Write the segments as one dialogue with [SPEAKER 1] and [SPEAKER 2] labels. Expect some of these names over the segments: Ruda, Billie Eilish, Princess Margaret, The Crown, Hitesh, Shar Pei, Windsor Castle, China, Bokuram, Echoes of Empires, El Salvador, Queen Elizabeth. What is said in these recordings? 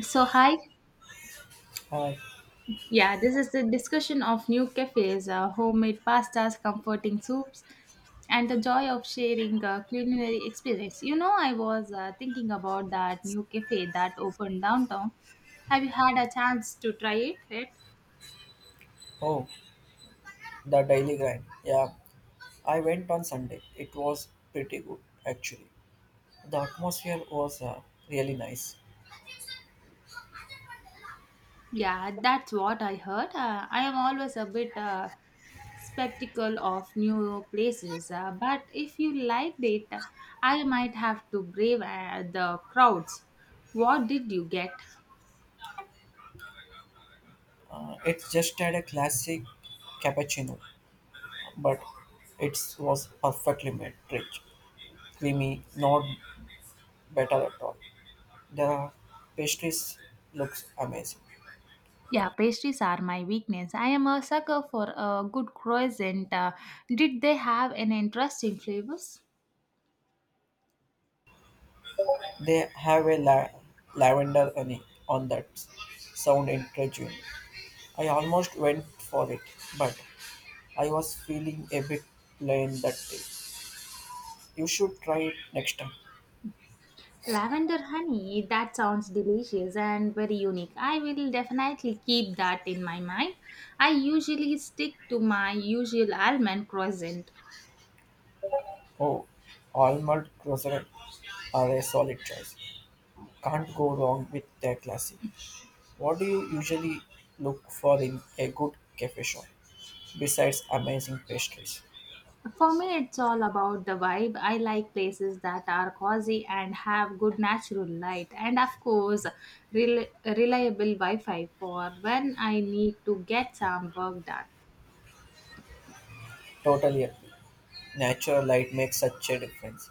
[SPEAKER 1] So, hi.
[SPEAKER 2] Hi.
[SPEAKER 1] Yeah, this is the discussion of new cafes, homemade pastas, comforting soups, and the joy of sharing culinary experience. You know, I was thinking about that new cafe that opened downtown. Have you had a chance to try it yet?
[SPEAKER 2] Oh, the daily grind. Yeah, I went on Sunday. It was pretty good, actually. The atmosphere was really nice.
[SPEAKER 1] Yeah, that's what I heard. I am always a bit sceptical of new places, but if you liked it, I might have to brave the crowds. What did you get?
[SPEAKER 2] It just had a classic cappuccino, but it was perfectly made, rich, creamy, not better at all. The pastries looks amazing.
[SPEAKER 1] Yeah, pastries are my weakness. I am a sucker for a good croissant. Did they have an interesting flavors?
[SPEAKER 2] They have lavender honey on that. Sound intriguing. I almost went for it, but I was feeling a bit plain that day. You should try it next time.
[SPEAKER 1] Lavender honey, that sounds delicious and very unique. I will definitely keep that in my mind. I usually stick to my usual almond croissant.
[SPEAKER 2] Oh, almond croissant are a solid choice. Can't go wrong with their classic. What do you usually look for in a good cafe shop besides amazing pastries?
[SPEAKER 1] For me, it's all about the vibe. I like places that are cozy and have good natural light, and of course, reliable Wi Fi for when I need to get some work done.
[SPEAKER 2] Totally agree. Natural light makes such a difference,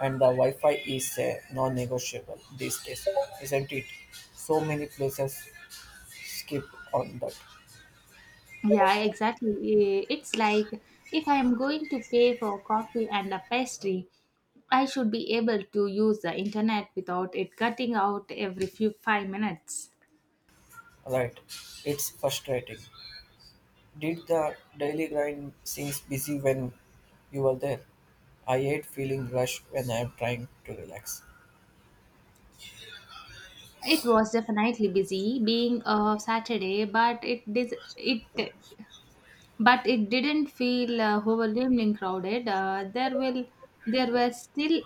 [SPEAKER 2] and the Wi-Fi is a non-negotiable these days, isn't it? So many places skip on that.
[SPEAKER 1] Yeah, exactly. It's like if I am going to pay for coffee and a pastry, I should be able to use the internet without it cutting out every few 5 minutes.
[SPEAKER 2] Right. It's frustrating. Did the daily grind seems busy when you were there? I hate feeling rushed when I am trying to relax.
[SPEAKER 1] It was definitely busy being a Saturday, but it dis- it but it didn't feel overwhelmingly crowded. There were still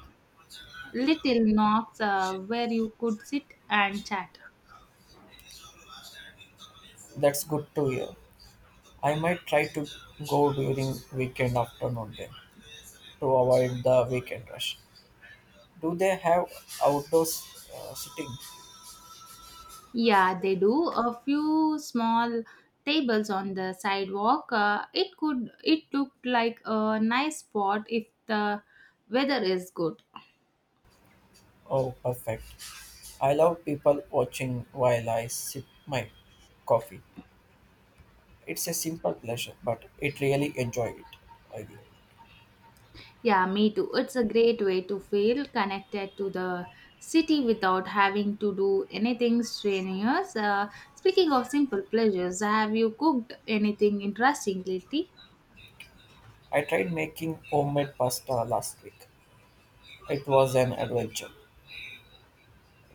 [SPEAKER 1] little knocks where you could sit and chat.
[SPEAKER 2] That's good to hear. I might try to go during weekend afternoon then to avoid the weekend rush. Do they have outdoors sitting?
[SPEAKER 1] Yeah, they do. A few small tables on the sidewalk. It looked like a nice spot if the weather is good.
[SPEAKER 2] Oh, perfect. I love people watching while I sip my coffee. It's a simple pleasure, but it really enjoy it. I do.
[SPEAKER 1] Yeah, me too. It's a great way to feel connected to the city without having to do anything strenuous. Speaking of simple pleasures, have you cooked anything interesting lately?
[SPEAKER 2] I tried making homemade pasta last week. It was an adventure,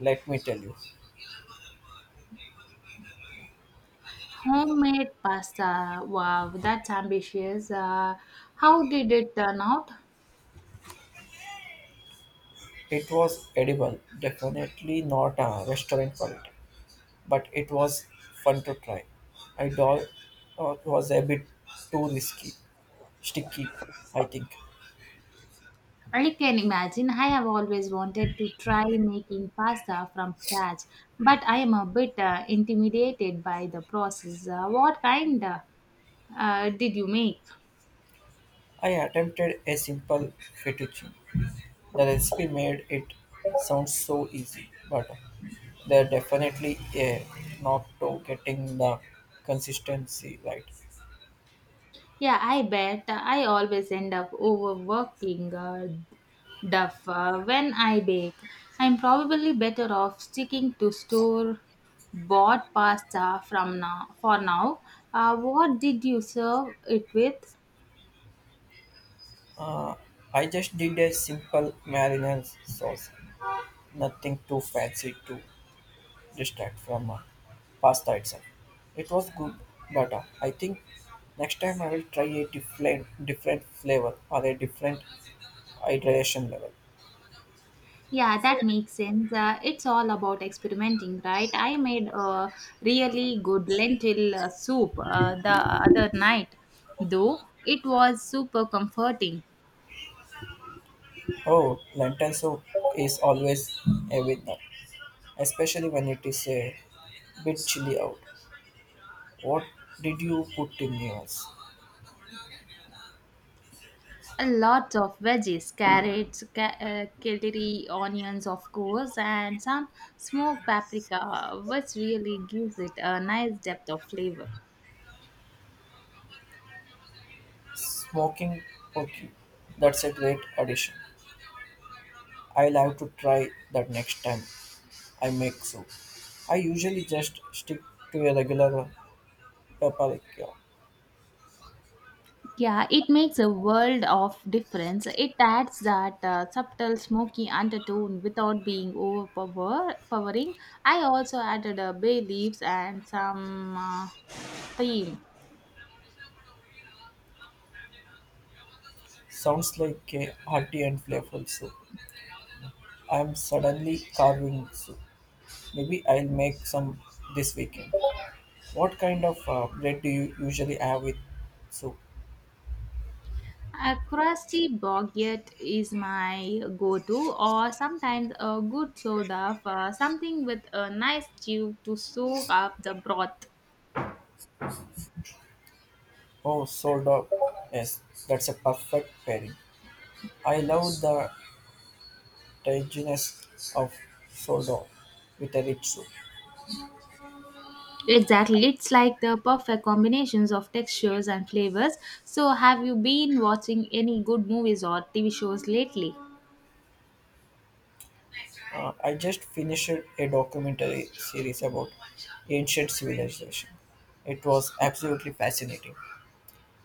[SPEAKER 2] let me tell you.
[SPEAKER 1] Homemade pasta. Wow, that's ambitious. How did it turn out?
[SPEAKER 2] It was edible, definitely not a restaurant quality, but it was fun to try. I do- it was a bit too risky, sticky, I think.
[SPEAKER 1] I can imagine. I have always wanted to try making pasta from scratch, but I am a bit intimidated by the process. What kind did you make?
[SPEAKER 2] I attempted a simple fettuccine. The recipe made it sound so easy, but there definitely a knock to getting the consistency right.
[SPEAKER 1] Yeah, I bet I always end up overworking duff when I bake. I'm probably better off sticking to store bought pasta from now for now. What did you serve it with?
[SPEAKER 2] Uh, I just did a simple marinara sauce, nothing too fancy to distract from pasta itself. It was good, but I think next time I will try a different flavor or a different hydration level.
[SPEAKER 1] Yeah, that makes sense. It's all about experimenting, right? I made a really good lentil soup the other night, though it was super comforting.
[SPEAKER 2] Oh, lentil soup is always a winner, especially when it is a bit chilly out. What did you put in yours?
[SPEAKER 1] A lot of veggies, carrots, celery, onions, of course, and some smoked paprika, which really gives it a nice depth of flavor.
[SPEAKER 2] Smoking turkey. That's a great addition. I'll have to try that next time I make soup. I usually just stick to a regular paprika.
[SPEAKER 1] Yeah, it makes a world of difference. It adds that subtle smoky undertone without being overpowering. I also added a bay leaves and some thyme.
[SPEAKER 2] Sounds like a hearty and flavorful soup. I'm suddenly carving soup. Maybe I'll make some this weekend. What kind of bread do you usually have with soup?
[SPEAKER 1] A crusty baguette is my go-to, or sometimes a good soda for something with a nice stew to soak up the broth.
[SPEAKER 2] Oh, sold. Yes, that's a perfect pairing. I love the tanginess of sourdough with a rich soup.
[SPEAKER 1] Exactly. It's like the perfect combinations of textures and flavors. So, have you been watching any good movies or TV shows lately?
[SPEAKER 2] I just finished a documentary series about ancient civilization. It was absolutely fascinating.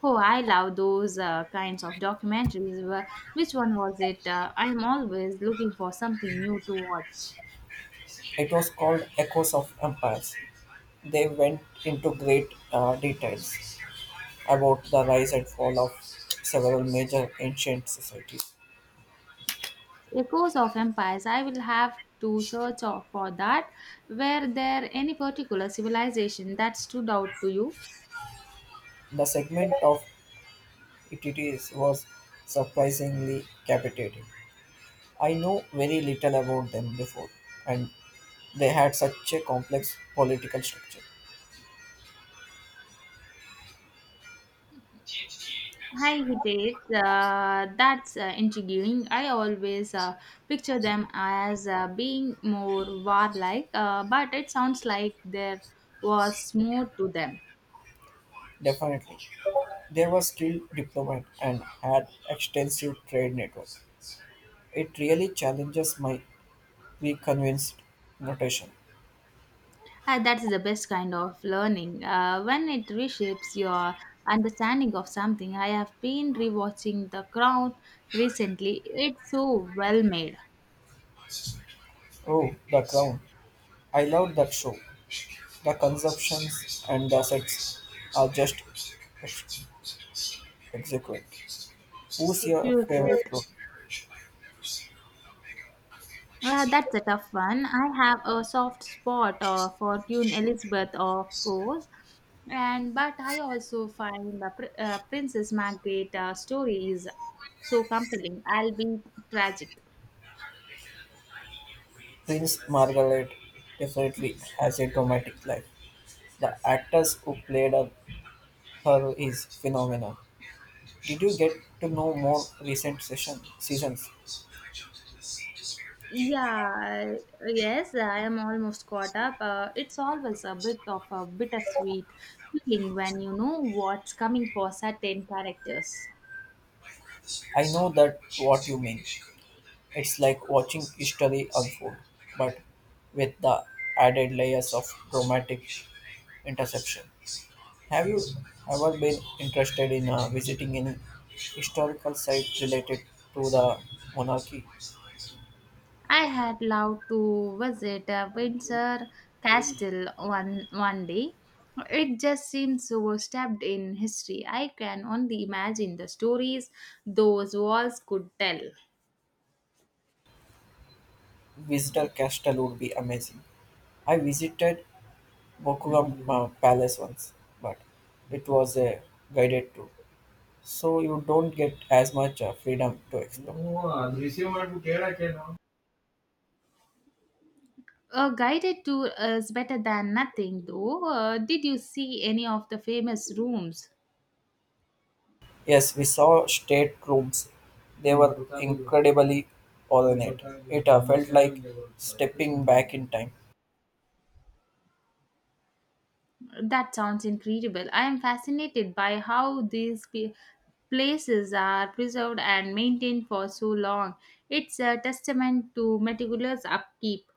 [SPEAKER 1] Oh, I love those kinds of documentaries. Which one was it? I'm always looking for something new to watch.
[SPEAKER 2] It was called Echoes of Empires. They went into great details about the rise and fall of several major ancient societies.
[SPEAKER 1] Echoes of Empires. I will have to search for that. Were there any particular civilization that stood out to you?
[SPEAKER 2] The segment of ETTs was surprisingly captivating. I know very little about them before, and they had such a complex political structure.
[SPEAKER 1] Hi, Hitesh. That's intriguing. I always picture them as being more warlike, but it sounds like there was more to them.
[SPEAKER 2] Definitely. They were skilled diplomat and had extensive trade networks. It really challenges my preconceived notation.
[SPEAKER 1] That's the best kind of learning. When it reshapes your understanding of something, I have been rewatching The Crown recently. It's so well made.
[SPEAKER 2] Oh, The Crown. I loved that show. The conceptions and the sets are just exquisite. Who's
[SPEAKER 1] What do
[SPEAKER 2] your
[SPEAKER 1] you say?
[SPEAKER 2] favorite pro?
[SPEAKER 1] That's a tough one. I have a soft spot for Queen Elizabeth, of course, and but I also find Princess Margaret story is so compelling. I'll be tragic.
[SPEAKER 2] Prince Margaret definitely has a dramatic life. The actors who played her is phenomenal. Did you get to know more recent session seasons?
[SPEAKER 1] Yeah, yes, I am almost caught up. It's always a bit of a bittersweet feeling when you know what's coming for certain characters.
[SPEAKER 2] I know that what you mean. It's like watching history unfold, but with the added layers of dramatic interception. Have you ever been interested in visiting any historical site related to the monarchy?
[SPEAKER 1] I had loved to visit Windsor Castle one day. It just seems so stabbed in history. I can only imagine the stories those walls could tell.
[SPEAKER 2] Visitor Castle would be amazing. I visited Bokuram Palace once, but it was a guided tour, so you don't get as much freedom to explore.
[SPEAKER 1] A guided tour is better than nothing, though. Did you see any of the famous rooms?
[SPEAKER 2] Yes, we saw state rooms. They were incredibly ornate. It felt like stepping back in time.
[SPEAKER 1] That sounds incredible. I am fascinated by how places are preserved and maintained for so long. It's a testament to meticulous upkeep,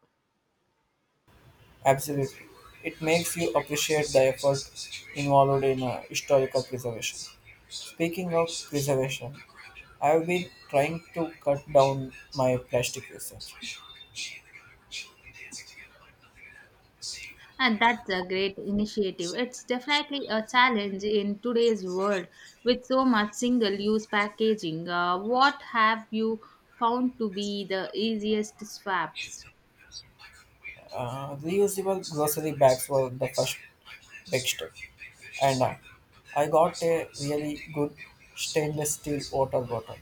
[SPEAKER 2] Absolutely. It makes you appreciate the effort involved in historical preservation. Speaking of preservation, I've been trying to cut down my plastic usage.
[SPEAKER 1] and that's a great initiative. It's definitely a challenge in today's world with so much single use packaging. What have you found to be the easiest swaps?
[SPEAKER 2] Reusable grocery bags were the first big step, and I got a really good stainless steel water bottle.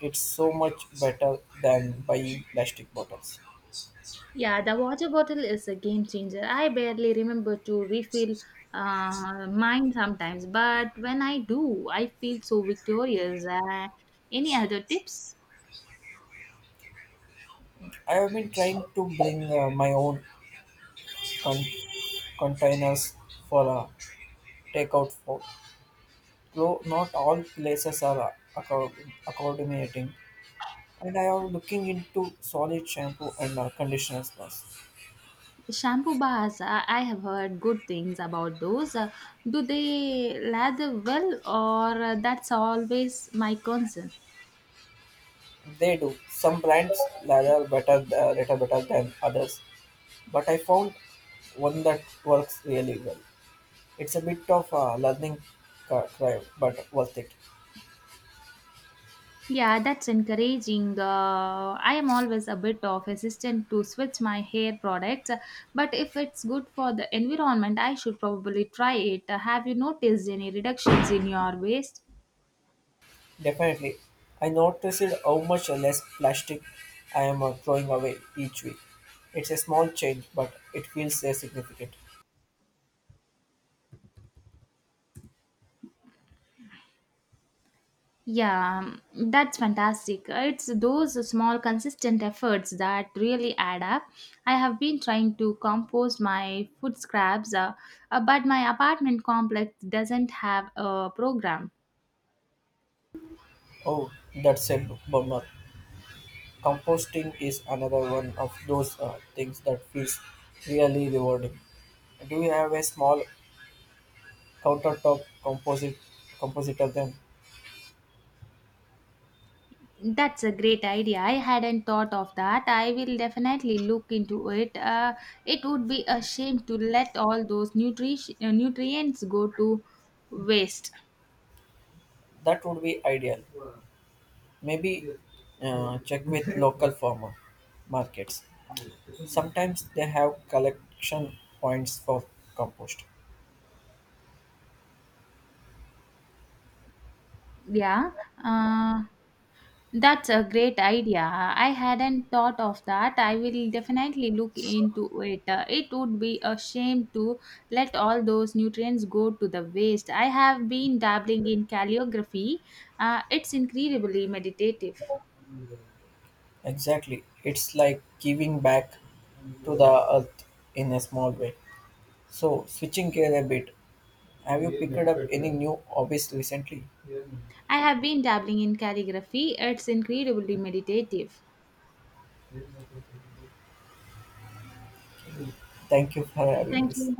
[SPEAKER 2] It's so much better than buying plastic bottles.
[SPEAKER 1] Yeah, the water bottle is a game changer. I barely remember to refill mine sometimes, but when I do, I feel so victorious. Any other tips?
[SPEAKER 2] I have been trying to bring my own con- containers for takeout food. Though not all places are accommodating, and I am looking into solid shampoo and conditioners. Plus,
[SPEAKER 1] Shampoo bars, I have heard good things about those. Do they lather well, or that's always my concern?
[SPEAKER 2] they do. Some brands rather better, little better than others, but I found one that works really well. It's a bit of a learning curve, but worth it.
[SPEAKER 1] Yeah, that's encouraging. I am always a bit of hesitant to switch my hair products, but if it's good for the environment, I should probably try it. Have you noticed any reductions in your waste?
[SPEAKER 2] Definitely. I noticed how much less plastic I am throwing away each week. It's a small change, but it feels significant.
[SPEAKER 1] Yeah, that's fantastic. It's those small, consistent efforts that really add up. I have been trying to compost my food scraps, but my apartment complex doesn't have a program.
[SPEAKER 2] Oh, that's a bummer. Composting is another one of those things that feels really rewarding. Do you have a small countertop composite compositor then?
[SPEAKER 1] That's a great idea. I hadn't thought of that. I will definitely look into it. It would be a shame to let all those nutrients go to waste.
[SPEAKER 2] That would be ideal. Maybe check with local farmer markets. Sometimes they have collection points for compost.
[SPEAKER 1] Yeah, uh, that's a great idea. I hadn't thought of that. I will definitely look into it. It would be a shame to let all those nutrients go to the waste. I have been dabbling in calligraphy. It's incredibly meditative.
[SPEAKER 2] Exactly. It's like giving back to the earth in a small way. So, switching gear a bit, have you picked up any new hobbies recently?
[SPEAKER 1] I have been dabbling in calligraphy. It's incredibly meditative.
[SPEAKER 2] Thank you for having
[SPEAKER 1] Thank
[SPEAKER 2] this.
[SPEAKER 1] you.